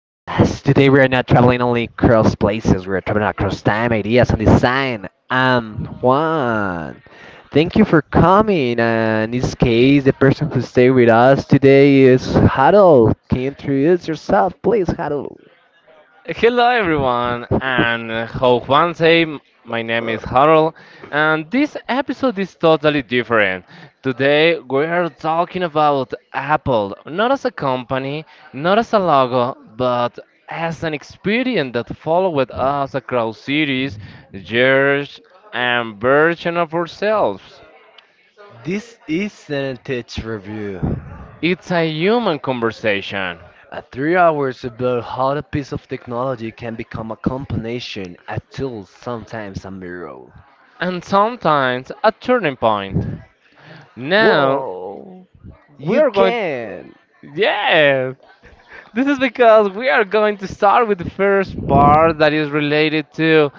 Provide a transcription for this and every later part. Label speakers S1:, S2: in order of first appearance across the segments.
S1: Today we are not traveling only across places, we are traveling across time, ideas, and design. I'm Juan. Thank you for coming. And in this case, the person who stayed with us today is Harold. Can you introduce yourself, please, Harold?
S2: Hello, everyone, and how Juan say, my name is Harold, and this episode is totally different. Today, we are talking about Apple, not as a company, not as a logo, but as an experience that followed us across cities, years, and version of ourselves.
S1: This is an tech Review.
S2: It's a human conversation,
S1: A 3 hours about how a piece of technology can become a combination, a tool, sometimes a mirror.
S2: and sometimes a turning point. Now,
S1: Whoa, you
S2: we
S1: you
S2: are going.
S1: can.
S2: Yes, this is because we are going to start with the first part that is related to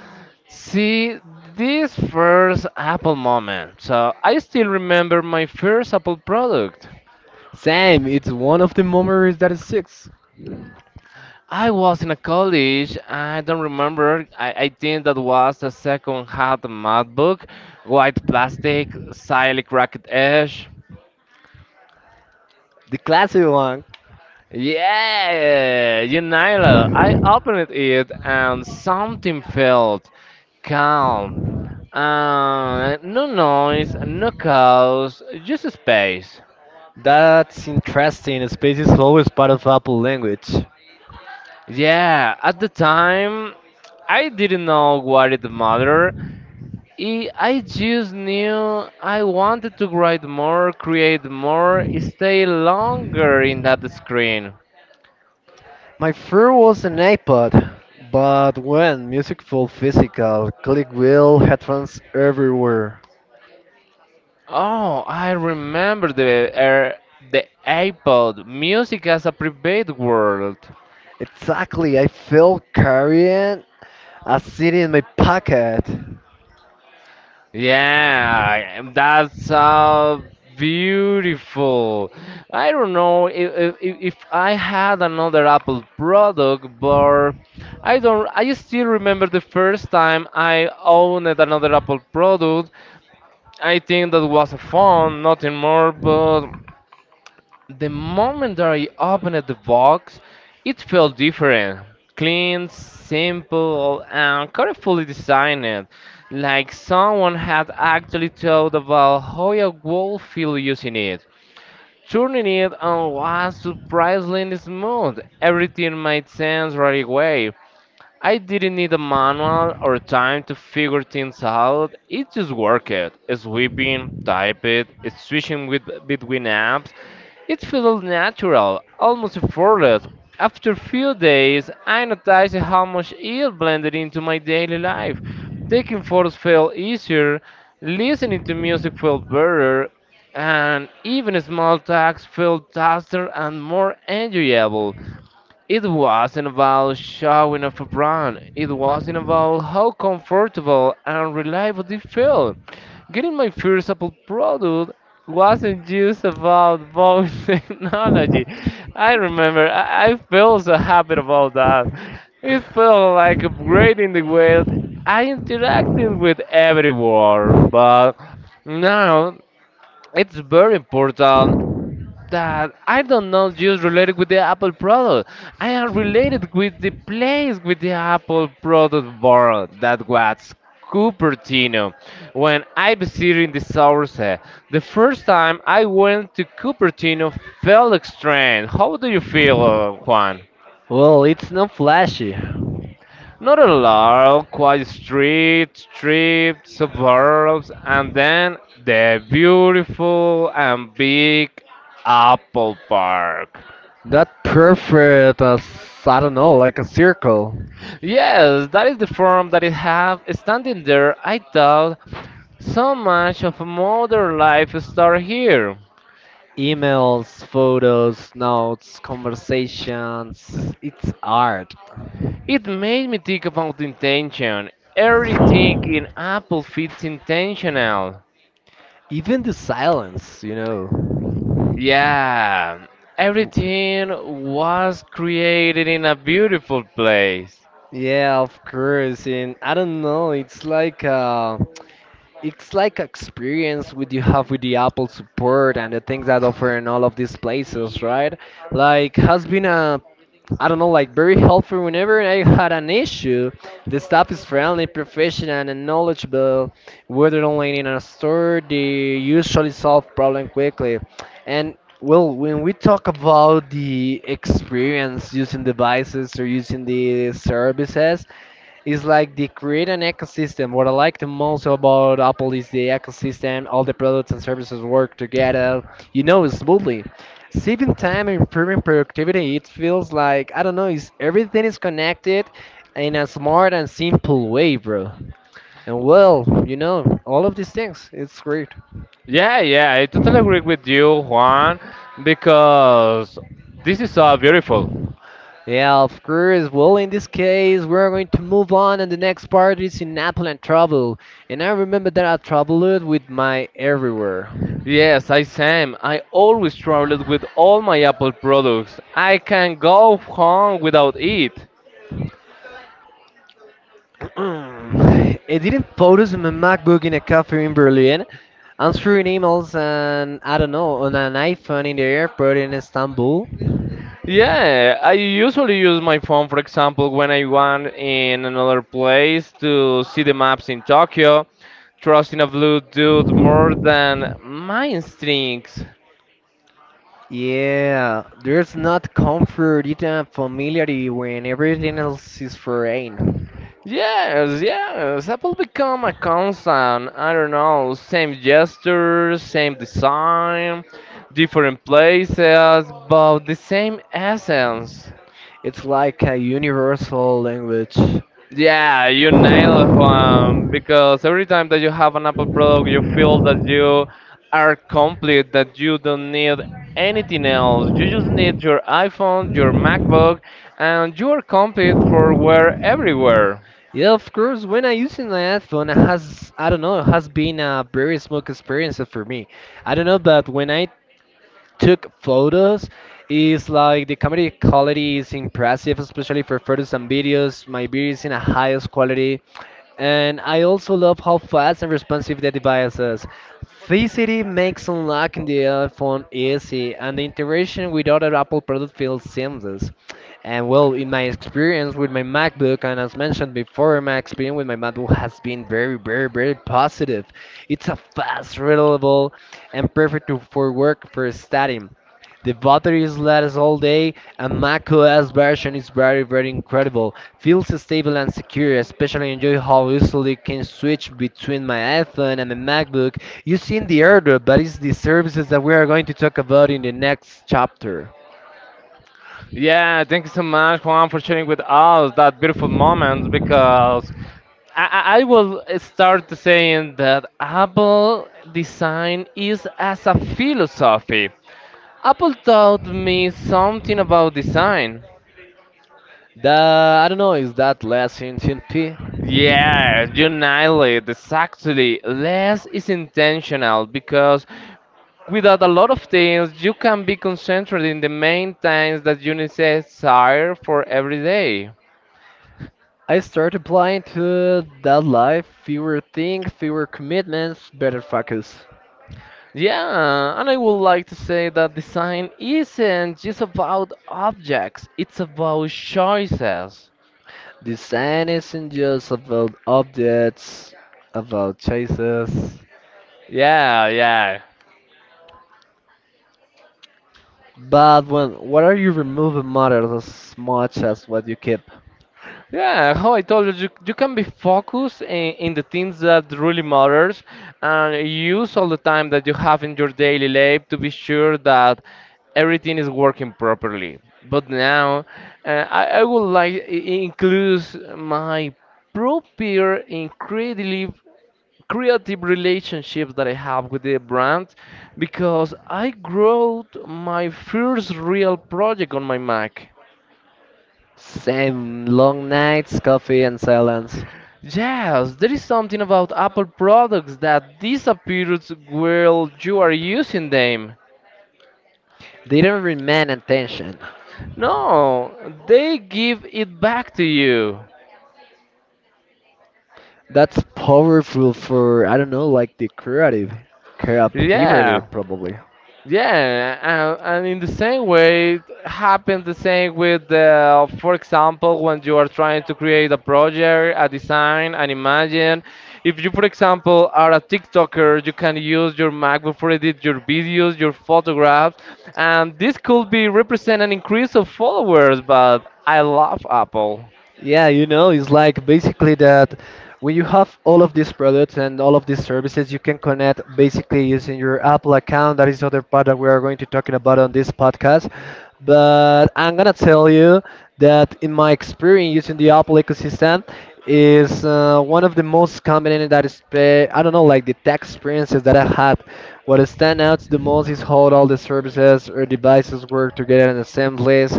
S2: see this first Apple moment. So I still remember my first Apple product.
S1: Sam, it's one of the memories that is six. The
S2: I was in a college. I don't remember. I think that was a second-hand MacBook, white plastic, slightly cracked edge.
S1: classic one.
S2: Yeah, you know, I opened it and something failed. Calm. No noise, no chaos, just space.
S1: That's interesting. Space is always part of Apple language.
S2: Yeah, at the time, I didn't know what it mattered. I just knew I wanted to write more, create more, stay longer in that screen.
S1: My first was an iPod, but when music felt physical, click wheel, headphones everywhere.
S2: Oh, I remember the iPod, music as a private world.
S1: Exactly, I felt carrying a city in my pocket.
S2: Yeah, that's beautiful. I don't know if I had another Apple product, but I don't. I still remember the first time I owned another Apple product. I think that was a phone, nothing more. But the moment that I opened the box, it felt different. Clean, simple, and carefully designed. Like someone had actually thought about how I would feel using it. Turning it on was surprisingly smooth. Everything made sense right away. I didn't need a manual or time to figure things out. It just worked. Sweeping, type it, switching with, between apps. It felt natural, almost effortless. After a few days, I noticed how much it blended into my daily life. Taking photos felt easier, listening to music felt better, and even small tasks felt faster and more enjoyable. It wasn't about showing off a brand. It wasn't about how comfortable and reliable they felt. Getting my first Apple product wasn't just about buying technology. I remember I felt so happy about that. It felt like upgrading the way I interacted with everyone. But now it's very important that I don't know just related with the Apple product. I am related with the place with the Apple product bar that was Cupertino. When I visited the source, the first time I went to Cupertino felt strange. How do you feel, Juan?
S1: Well, it's not flashy.
S2: Not a lot, quiet street, strip, suburbs, and then the beautiful and big Apple Park.
S1: That perfect as I don't know, like a circle.
S2: Yes, that is the form that it have. Standing there, I thought so much of modern life started here.
S1: Emails, photos, notes, conversations. It's art.
S2: It made me think about intention. Everything in Apple fits intentional.
S1: Even the silence, you know.
S2: Yeah,
S1: W-
S2: everything was created in a beautiful place.
S1: Yeah, of course. And I don't know, it's like experience with you have with the Apple support and the things that offer in all of these places, right? Like has been a, I don't know, like very helpful whenever I had an issue. The staff is friendly, professional, and knowledgeable. Whether online in a store, they usually solve problem quickly. And well, when we talk about the experience using devices or using the services, it's like they create an ecosystem. What I like the most about Apple is the ecosystem. All the products and services work together, you know, smoothly. Saving time and improving productivity, it feels like, I don't know, it's, everything is connected in a smart and simple way, bro. And well, you know, all of these things, it's great.
S2: Yeah, I totally agree with you, Juan, because this is so beautiful.
S1: Yeah, of course. Well, in this case, we're going to move on, and the next part is in Apple and travel. And I remember that I traveled with my everywhere.
S2: Yes, I Sam. I always traveled with all my Apple products. I can go home without it.
S1: Mm, editing photos in my MacBook in a cafe in Berlin, answering emails, and I don't know, on an iPhone in the airport in Istanbul.
S2: Yeah, I usually use my phone, for example, when I want in another place to see the maps in Tokyo, trusting a Bluetooth more than my instincts.
S1: Yeah, there's not comfort, it's a familiarity when everything else is foreign.
S2: Yes, yes. Apple become a constant. I don't know, same gesture, same design, different places, but the same essence.
S1: It's like a universal language.
S2: Yeah, you nail it, Juan. Because every time that you have an Apple product, you feel that you are complete, that you don't need anything else. You just need your iPhone, your MacBook, and you are complete for wear everywhere.
S1: Yeah, of course, when I use an iPhone, it has, I don't know, it has been a very smooth experience for me. I don't know, but when I took photos. It's like the camera quality is impressive, especially for photos and videos. My video is in the highest quality. And I also love how fast and responsive the device is. Facility makes unlocking the iPhone easy, and the integration with other Apple products feels seamless. And well, in my experience with my MacBook, and as mentioned before, my experience with my MacBook has been very, very, very positive. It's a fast, reliable, and perfect to- for work for studying. The batteries last all day, and macOS version is very, very incredible. Feels stable and secure. Especially enjoy how easily can switch between my iPhone and my MacBook using the airdrop, but it's the services that we are going to talk about in the next chapter.
S2: Yeah, thank you so much, Juan, for sharing with us that beautiful moment because I will start saying that Apple design is as a philosophy. Apple taught me something about design.
S1: The, I don't know, is that less in TNP?
S2: Yeah, you nailed it. Exactly. Less is intentional because without a lot of things, you can be concentrated in the main things that you desire for every day.
S1: I started applying to that life, fewer things, fewer commitments, better focus.
S2: Yeah, and I would like to say that design isn't just about objects, it's about choices.
S1: Design isn't just about objects, about chases,
S2: Yeah.
S1: but when what are you removing matters as much as what you keep.
S2: Yeah, how I told you, you can be focused in the things that really matters and use all the time that you have in your daily life to be sure that everything is working properly. But now, I would like include my proper, incredibly creative relationships that I have with the brand because I wrote my first real project on my Mac.
S1: Same long nights, coffee and silence.
S2: Yes, there is something about Apple products that disappears while you are using them.
S1: They don't remain attention.
S2: No, they give it back to you.
S1: That's powerful for, I don't know, like the creativity
S2: Yeah.
S1: probably.
S2: Yeah, and in the same way, it happened the same with, the, for example, when you are trying to create a project, a design, an imagine. If you, for example, are a TikToker, you can use your MacBook for edit your videos, your photographs, and this could be represent an increase of followers. But I love Apple.
S1: Yeah, you know, it's like basically that when you have all of these products and all of these services, you can connect basically using your Apple account. That is the other part that we are going to talking about on this podcast. But I'm gonna tell you that in my experience using the Apple ecosystem is one of the most common that is pay, I don't know like the tech experiences that I had. What stand out the most is how all the services or devices work together in the same place,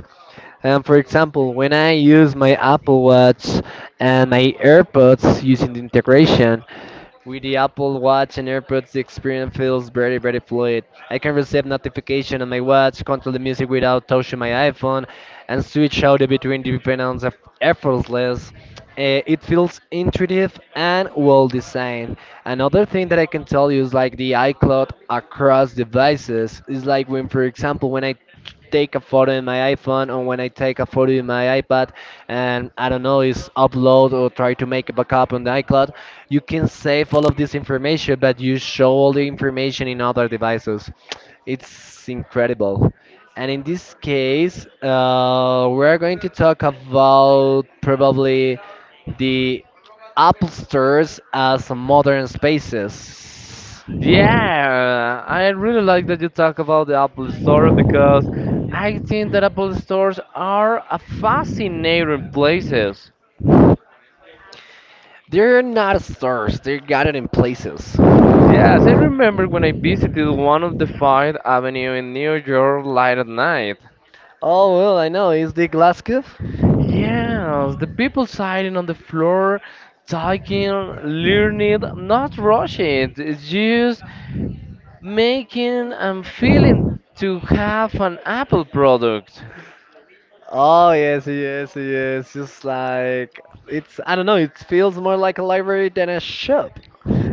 S1: and for example, when I use my Apple Watch and my AirPods using the integration with the Apple Watch and AirPods, the experience feels very, very fluid. I can receive notification on my watch, control the music without touching my iPhone, and switch out between different ones eff- effortless. It feels intuitive and well designed. Another thing that I can tell you is like the iCloud across devices is like when, for example, when I take a photo in my iPhone or when I take a photo in my iPad and I don't know, is upload or try to make a backup on the iCloud, you can save all of this information, but you show all the information in other devices. It's incredible. And in this case, we're going to talk about probably the Apple stores as modern spaces.
S2: Yeah, I really like that you talk about the Apple Store because I think that Apple stores are a fascinating places.
S1: They're not stars. They got it in places.
S2: Yes, I remember when I visited one of the Fifth Avenue in New York late at night.
S1: Oh well, I know. Is the Glasgow?
S2: Yes, the people sitting on the floor, talking, learning, not rushing, it's just making and feeling to have an Apple product.
S1: Oh yes, yes, yes. Just like it's, I don't know. It feels more like a library than a shop.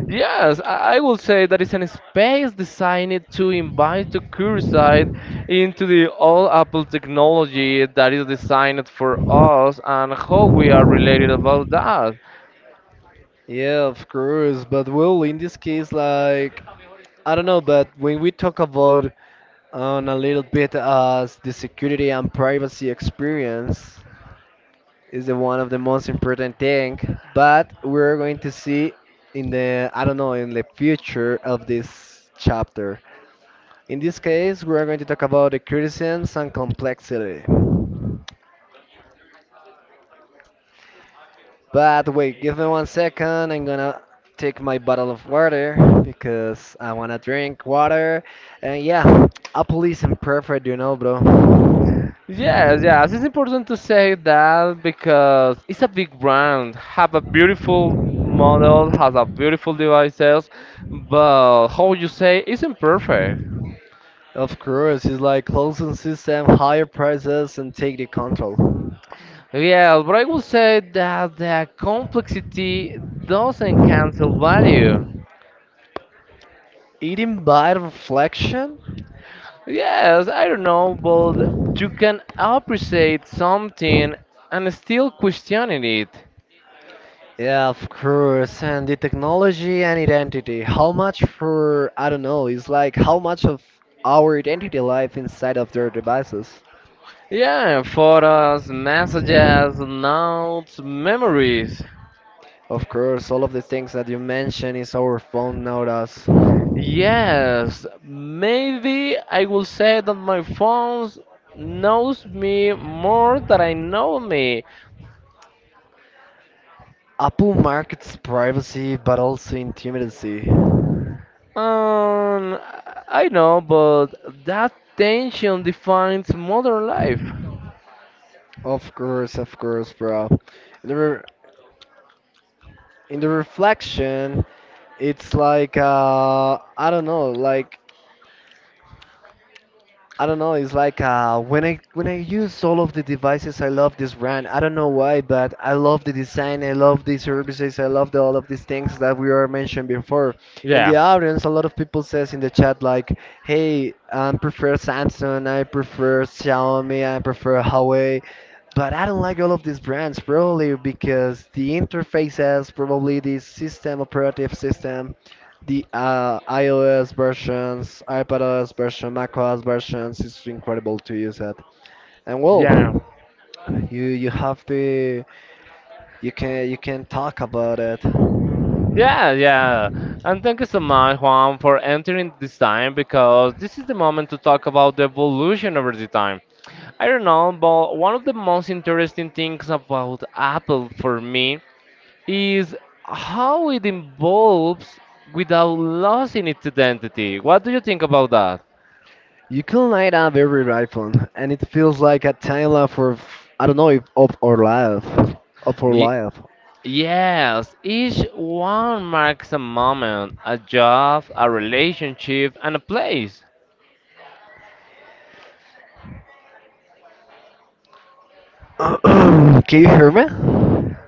S2: Yes, I will say that it's a space designed to invite the curious side into the all Apple technology that is designed for us and how we are related about that.
S1: Yeah, of course. But well, in this case, like I don't know. But when we talk about on a little bit as the security and privacy experience, is the one of the most important thing, but we're going to see in the, I don't know, in the future of this chapter, in this case we're going to talk about the criticisms and complexity, but wait, give me 1 second, I'm gonna take my bottle of water because I wanna drink water. And yeah, Apple isn't perfect, you know, bro.
S2: Yes, yes, it's important to say that because it's a big brand, have a beautiful model, has a beautiful devices, but how you say it's imperfect.
S1: Of course, it's like closing system, higher prices, and take the control,
S2: Yeah, but I will say that the complexity doesn't cancel value.
S1: eating by reflection.
S2: Yes, I don't know, but you can appreciate something and still questioning it.
S1: Yeah, of course. And the technology and identity. How much for, I don't know, it's like how much of our identity life inside of their devices.
S2: Yeah, photos, messages, notes, memories.
S1: Of course, all of the things that you mentioned is our phone nowadays.
S2: Yes, maybe I will say that my phone knows me more than I know me.
S1: Apple markets privacy but also intimidacy.
S2: Um, I know, but that tension defines modern life.
S1: Of course, bro. In the re-, in the reflection, it's like, I don't know, like I don't know. It's like when I use all of the devices, I love this brand. I don't know why, but I love the design. I love the services. I love the, all of these things that we were mentioned before. In the
S2: Yeah.
S1: audience, a lot of people says in the chat like, "Hey, I prefer Samsung. I prefer Xiaomi. I prefer Huawei." But I don't like all of these brands probably because the interfaces, probably the system operative system, the iOS versions, iPadOS version, macOS versions, it's incredible to use it. And
S2: Yeah.
S1: well, you have to you can talk about it.
S2: Yeah. And thank you so much, Juan, for entering this time because this is the moment to talk about the evolution over the time. I don't know, but one of the most interesting things about Apple for me is how it evolves without losing its identity. What do you think about that?
S1: You can light up every iPhone, and it feels like a time lapse of, I don't know if of our life, of our
S2: Ye-
S1: life.
S2: yes, each one marks a moment, a job, a relationship, and a place.
S1: Can you hear me?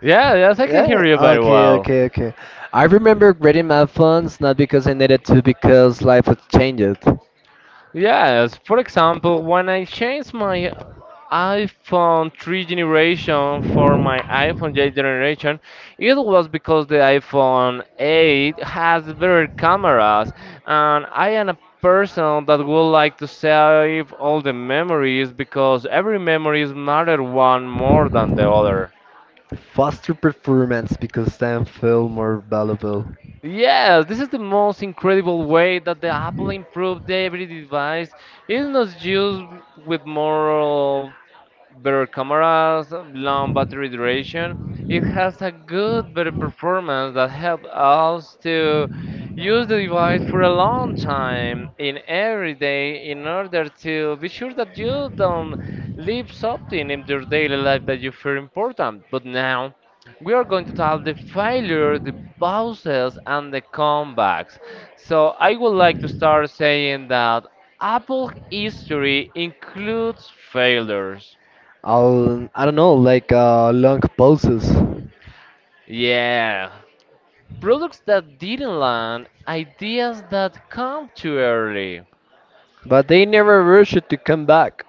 S2: Yeah, yes, I can hear
S1: Yeah,
S2: you very
S1: okay,
S2: well.
S1: okay, okay. I remember grading my funds not because I needed to, because life had changed.
S2: Yes, for example, when I changed my iPhone 3 generation for my iPhone 8 generation, it was because the iPhone 8 has better cameras, and I am a person that would like to save all the memories because every memories matter one more than the other.
S1: Faster performance because time felt more valuable.
S2: Yes, this is the most incredible way that the Apple improved every device. It's not just with more better cameras, long battery duration. It has a good, better performance that helps us to use the device for a long time in every day in order to be sure that you don't leave something in your daily life that you feel important. But now we are going to talk the failure, the pauses, and the comebacks. So I would like to start saying that Apple history includes failures.
S1: I'll, I don't know, like long pauses.
S2: Yeah, products that didn't land, ideas that come too early.
S1: But they never rush it to come back.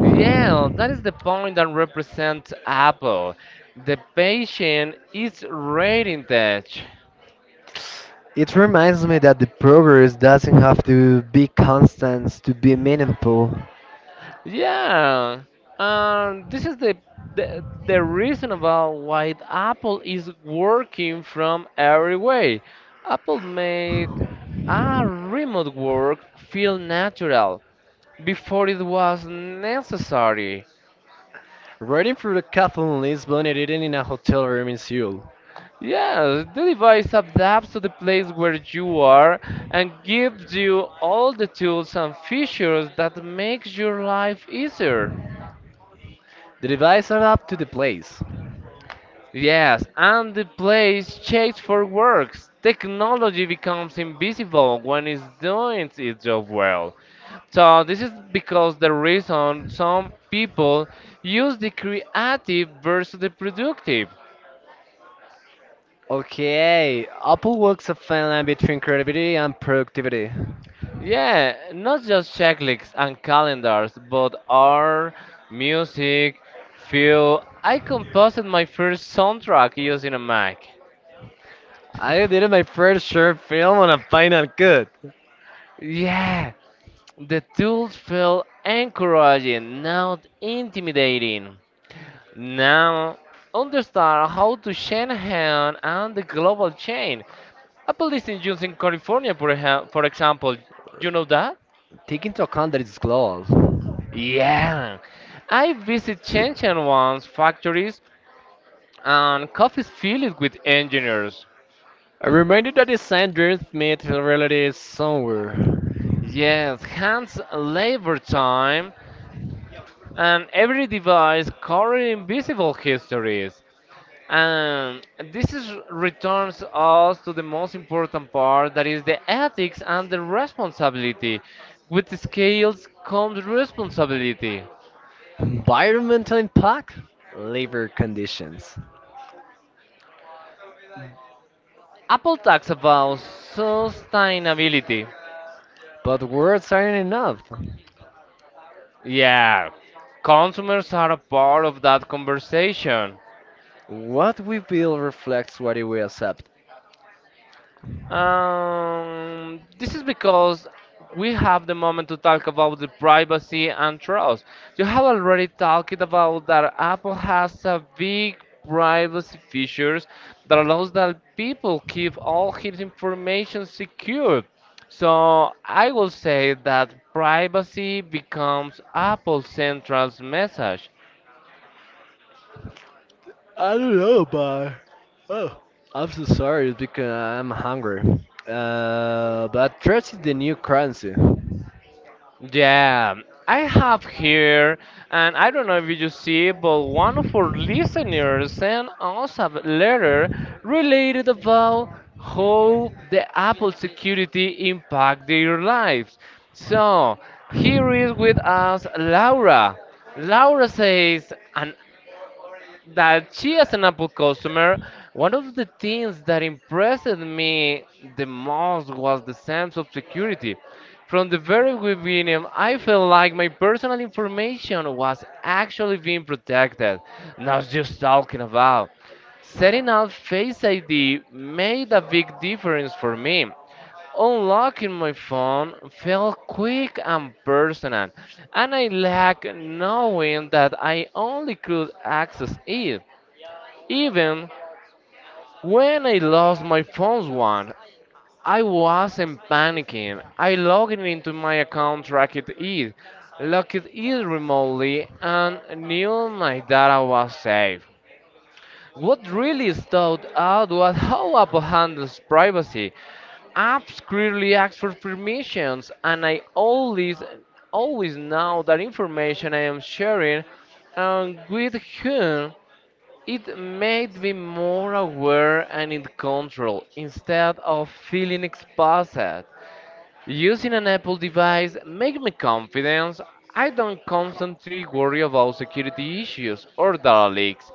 S2: Yeah, that is the point that represents Apple. The patient is rating touch.
S1: It reminds me that the progress doesn't have to be constant to be meaningful.
S2: Yeah, this is the reason about why Apple is working from every way. Apple made a remote work feel natural before it was necessary.
S1: Riding through the cafe in Lisbon and eating in a hotel room in Seoul.
S2: Yeah, the device adapts to the place where you are and gives you all the tools and features that makes your life easier.
S1: The device adapts to the place.
S2: Yes, and the place checks for works. Technology becomes invisible when it's doing its job well. So this is because the reason some people use the creative versus the productive.
S1: Okay, Apple walks a fine line between creativity and productivity.
S2: Yeah, not just checklists and calendars, but art, music, film. I composed my first soundtrack using a Mac.
S1: I did my first short film on a final cut,
S2: Yeah, the tools felt encouraging, not intimidating. Now, understand how to Shanahan and the global chain. Apple is in use in California, for example. You know that?
S1: take into account that it's global.
S2: Yeah. I visit Shenzhen once factories and coffee is filled with engineers.
S1: A reminder that design dreams meet reality somewhere.
S2: Yes, hands labor time, and every device carrying invisible histories. And this is, returns us to the most important part that is the ethics and the responsibility. With the scales comes responsibility.
S1: Environmental impact, labor conditions.
S2: Apple talks about sustainability.
S1: But words aren't enough.
S2: Yeah, consumers are a part of that conversation.
S1: What we build reflects what we accept.
S2: This is because we have the moment to talk about the privacy and trust. You have already talked about that Apple has a big privacy features that allows that people keep all his information secure. So I will say that privacy becomes Apple's central message.
S1: I don't know, but oh, I'm so sorry it's because I'm hungry. But trust is the new currency.
S2: Yeah, I have here, and I don't know if you see, but one of our listeners sent us a letter related about how the Apple security impact their lives. So here is with us Laura. Laura says, an that she, as an Apple customer, one of the things that impressed me the most was the sense of security. From the very beginning, I felt like my personal information was actually being protected, not just talking about. Setting up Face ID made a big difference for me. Unlocking my phone felt quick and personal, and I liked knowing that I only could access it. Even when I lost my phone once, I wasn't panicking. I logged into my account, tracked it, locked it remotely, and knew my data was safe. What really stood out was how Apple handles privacy. Apps clearly ask for permissions, and I always, always know that information I am sharing and with whom. It made me more aware and in control instead of feeling exposed. Using an Apple device made me confident. I don't constantly worry about security issues or data leaks.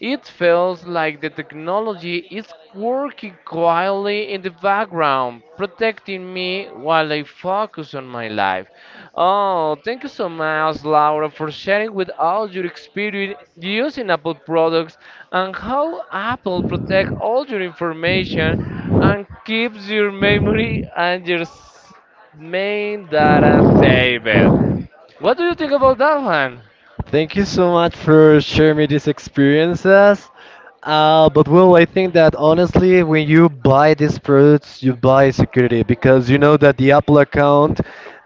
S2: It feels like the technology is working quietly in the background, protecting me while I focus on my life. Oh, thank you so much, Laura, for sharing with all your experience using Apple products and how Apple protects all your information and keeps your memory and your main data
S1: Hey,
S2: saved.
S1: man.
S2: What do you think about that one?
S1: Thank you so much for sharing me these experiences. But well, I think that honestly, when you buy these products, you buy security because you know that the Apple account,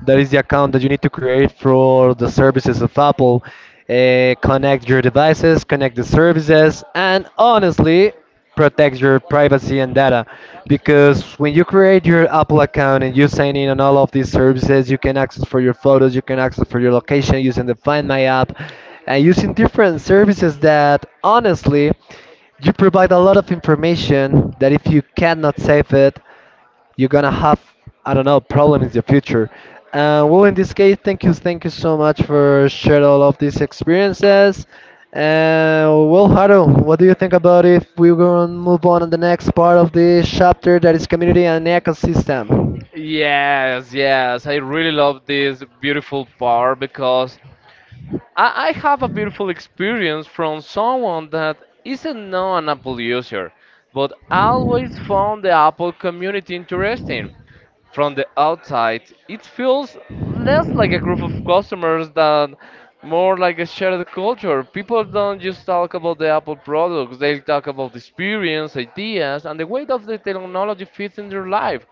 S1: that is the account that you need to create for the services of Apple, connect your devices, connect the services, and honestly, protects your privacy and data, because when you create your Apple account and you sign in on all of these services, you can access for your photos, you can access for your location using the Find My app, and using different services that honestly you provide a lot of information that if you cannot save it, you're gonna have, I don't know, problem in the future. Well, in this case, thank you so much for sharing all of these experiences. And well, Haru, what do you think about if we're gonna move on to the next part of this chapter that is community and ecosystem?
S2: Yes, yes. I really love this beautiful part because I have a beautiful experience from someone that isn't not an Apple user, but always found the Apple community interesting. From the outside, it feels less like a group of customers than more like a shared culture. People don't just talk about the Apple products, they talk about the experience, ideas, and the way that the technology fits in their life.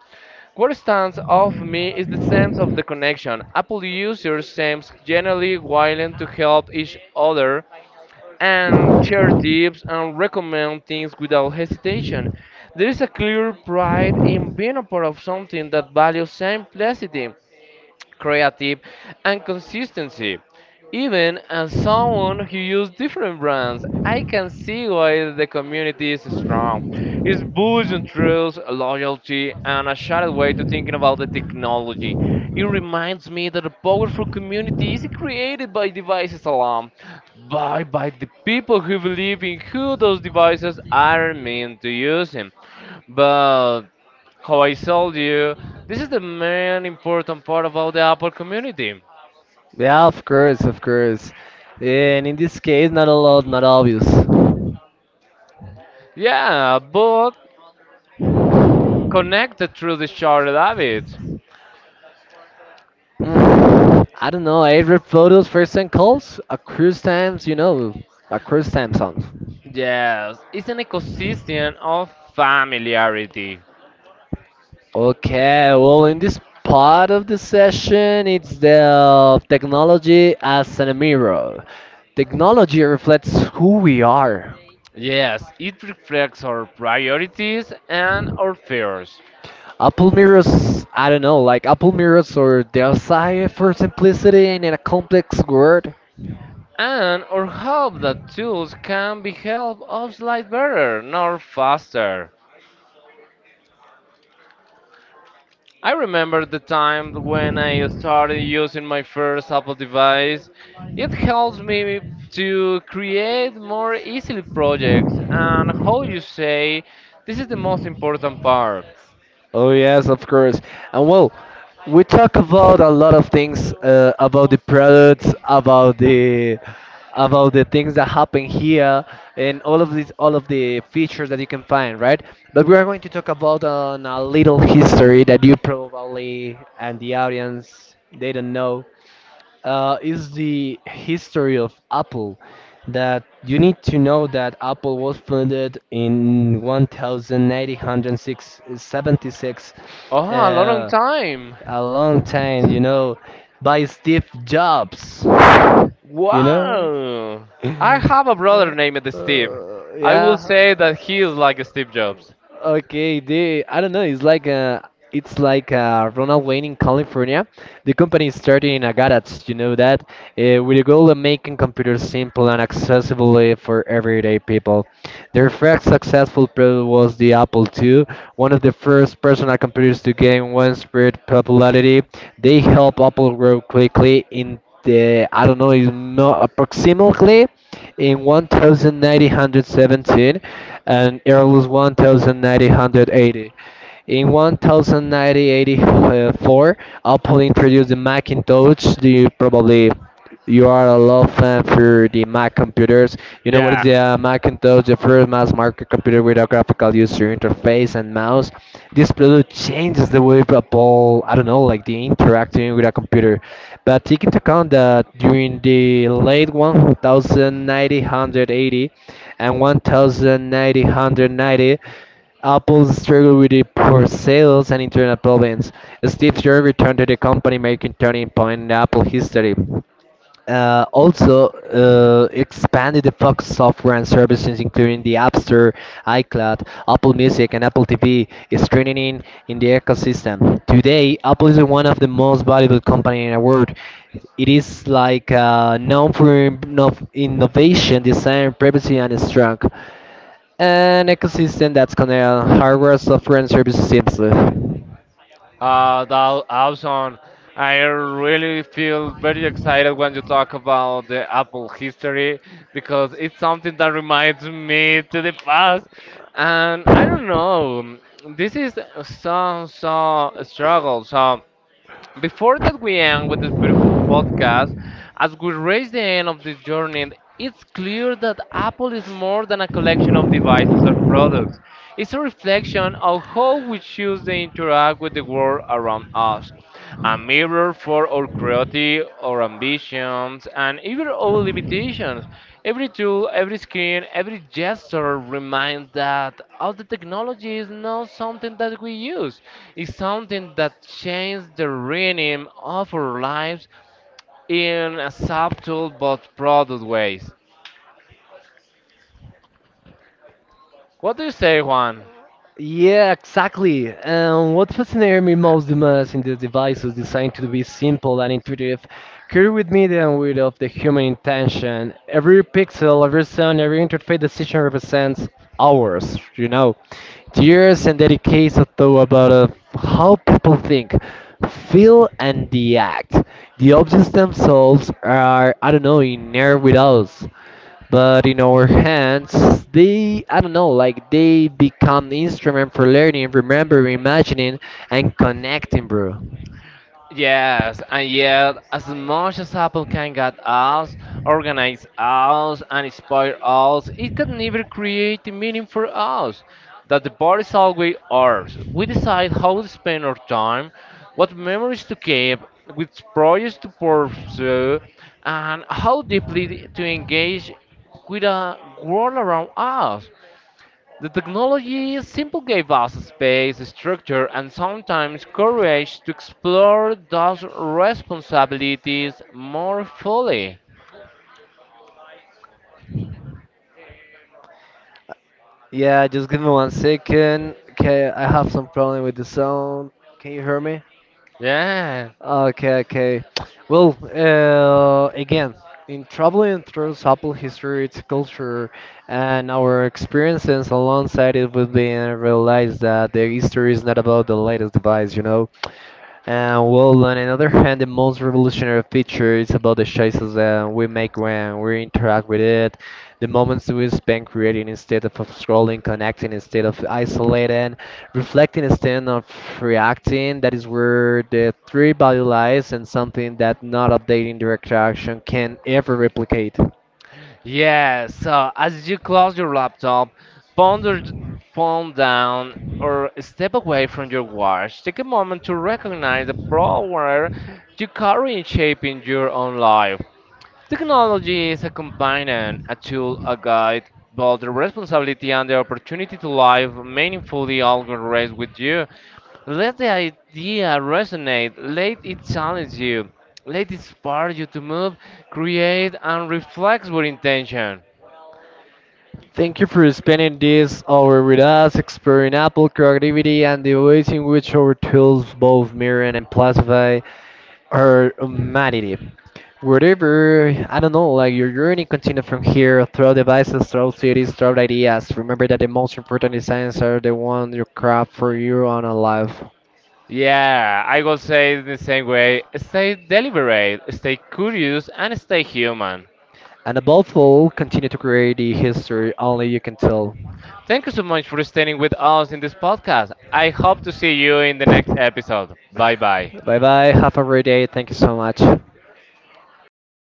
S2: What stands out for me is the sense of the connection. Apple users seem generally willing to help each other and share tips and recommend things without hesitation. There is a clear pride in being a part of something that values simplicity creative, and consistency. Even as someone who uses different brands, I can see why the community is strong. It's boosting trust, loyalty, and a shared way to thinking about the technology. It reminds me that a powerful community isn't created by devices alone, but by the people who believe in who those devices are meant to use them. But how I told you, this is the main important part about the Apple community.
S1: Yeah, of course, of course. And in this case, not a lot, not obvious.
S2: Yeah, but connected through the shared habits.
S1: Mm, I don't know. I read photos, first and calls, a cruise times, you know, a cruise time song.
S2: Yes, it's an ecosystem of familiarity.
S1: Okay, well, in this part of the session, it's the technology as a mirror. Technology reflects who we are.
S2: Yes, it reflects our priorities and our fears.
S1: Apple mirrors, I don't know, like Apple mirrors or their side for simplicity and in a complex world.
S2: And our hope that tools can be help us live better, not faster. I remember the time when I started using my first Apple device. It helps me to create more easily projects and how you say this is the most important part.
S1: Oh yes, of course. And well, we talk about a lot of things about the products, about the things that happen here, and all of the features that you can find, right? But we are going to talk about on a little history that you probably and the audience they don't know, is the history of Apple. That you need to know that Apple was founded in 1976,
S2: Oh, a long
S1: uh,
S2: time.
S1: a long time, you know, by Steve Jobs. You know?
S2: Wow. I have a brother named Steve.
S1: Uh,
S2: I will
S1: yeah.
S2: say that he is like Steve Jobs.
S1: Okay, they, I don't know, it's like Ronald Wayne in California. The company started in a garage, you know that, with the goal of making computers simple and accessible for everyday people. Their first successful product was the Apple II, one of the first personal computers to gain widespread popularity. They helped Apple grow quickly in the, I don't know, is approximately in 1917 and early 1980. In 1984, Apple introduced the Macintosh. Do you probably you are a lot of fan for the Mac computers. You know what is
S2: Yeah.
S1: the Macintosh, the first mass market computer with a graphical user interface and mouse. This product changes the way people, I don't know, like the interacting with a computer. But take into account that during the late 1980 and 1990 Apple struggled with the poor sales and internal problems. Steve Jobs returned to the company, making turning point in Apple history. Also, expanded the Fox software and services, including the App Store, iCloud, Apple Music, and Apple TV, is strengthening in the ecosystem. Today, Apple is one of the most valuable company in the world. It is like known for innovation, design, privacy, and strength. An ecosystem that's connected on hardware, software, and services seamlessly.
S2: That awesome. I really feel very excited when you talk about the Apple history because it's something that reminds me to the past. And I don't know, this is so so struggle. So before that we end with this beautiful podcast, as we reach the end of this journey, it's clear that Apple is more than a collection of devices or products. It's a reflection of how we choose to interact with the world around us, a mirror for our creativity, our ambitions, and even our limitations. Every tool, every screen, every gesture reminds that all the technology is not something that we use. It's something that changes the rhythm of our lives in a subtle but broad ways. What do you say, Juan?
S1: Yeah, exactly. And what fascinated me most the most in this device was designed to be simple and intuitive, carry with me the with of the human intention. Every pixel, every sound, every interface decision represents hours, years and decades of thought about how people think, feel, and react. The objects themselves are, I don't know, in air with us, but in our hands they, I don't know, like they become instrument for learning, remembering, imagining, and connecting bro.
S2: Yes, and yet, as much as Apple can guide us, organize us, and inspire us, it can never create the meaning for us. That the bar is always ours. We decide how to spend our time, what memories to keep, which projects to pursue, and how deeply to engage with a world around us. The technology simply gave us space, structure, and sometimes courage to explore those responsibilities more fully.
S1: Yeah, just give me 1 second. Okay, I have some problem with the sound. Can you hear me?
S2: Yeah.
S1: Okay, okay. Well, again, in traveling through Apple history, its culture, and our experiences alongside it, we've been realized that the history is not about the latest device, you know. Well, on another hand, the most revolutionary feature is about the choices that we make when we interact with it, the moments we spend creating instead of scrolling, connecting instead of isolating, reflecting instead of reacting. That is where the three value lies, and something that not updating direct action can ever replicate.
S2: Yeah, so as you close your laptop, ponder the phone down or step away from your watch. Take a moment to recognize the power you carry in shaping your own life. Technology is a companion, a tool, a guide, but the responsibility and the opportunity to live meaningfully always rests with you. Let the idea resonate, let it challenge you, let it inspire you to move, create, and reflect with intention.
S1: Thank you for spending this hour with us, exploring Apple creativity and the ways in which our tools both mirror and amplify or humanity. Whatever, I don't know, like your journey continues from here, through devices, through cities, through ideas. Remember that the most important designs are the one you craft for your own life.
S2: Yeah, I will say it the same way stay deliberate, stay curious, and stay human.
S1: And above all, continue to create the history only you can tell.
S2: Thank you so much for staying with us in this podcast. I hope to see you in the next episode. Bye bye.
S1: Bye bye, have a great day, thank you so much.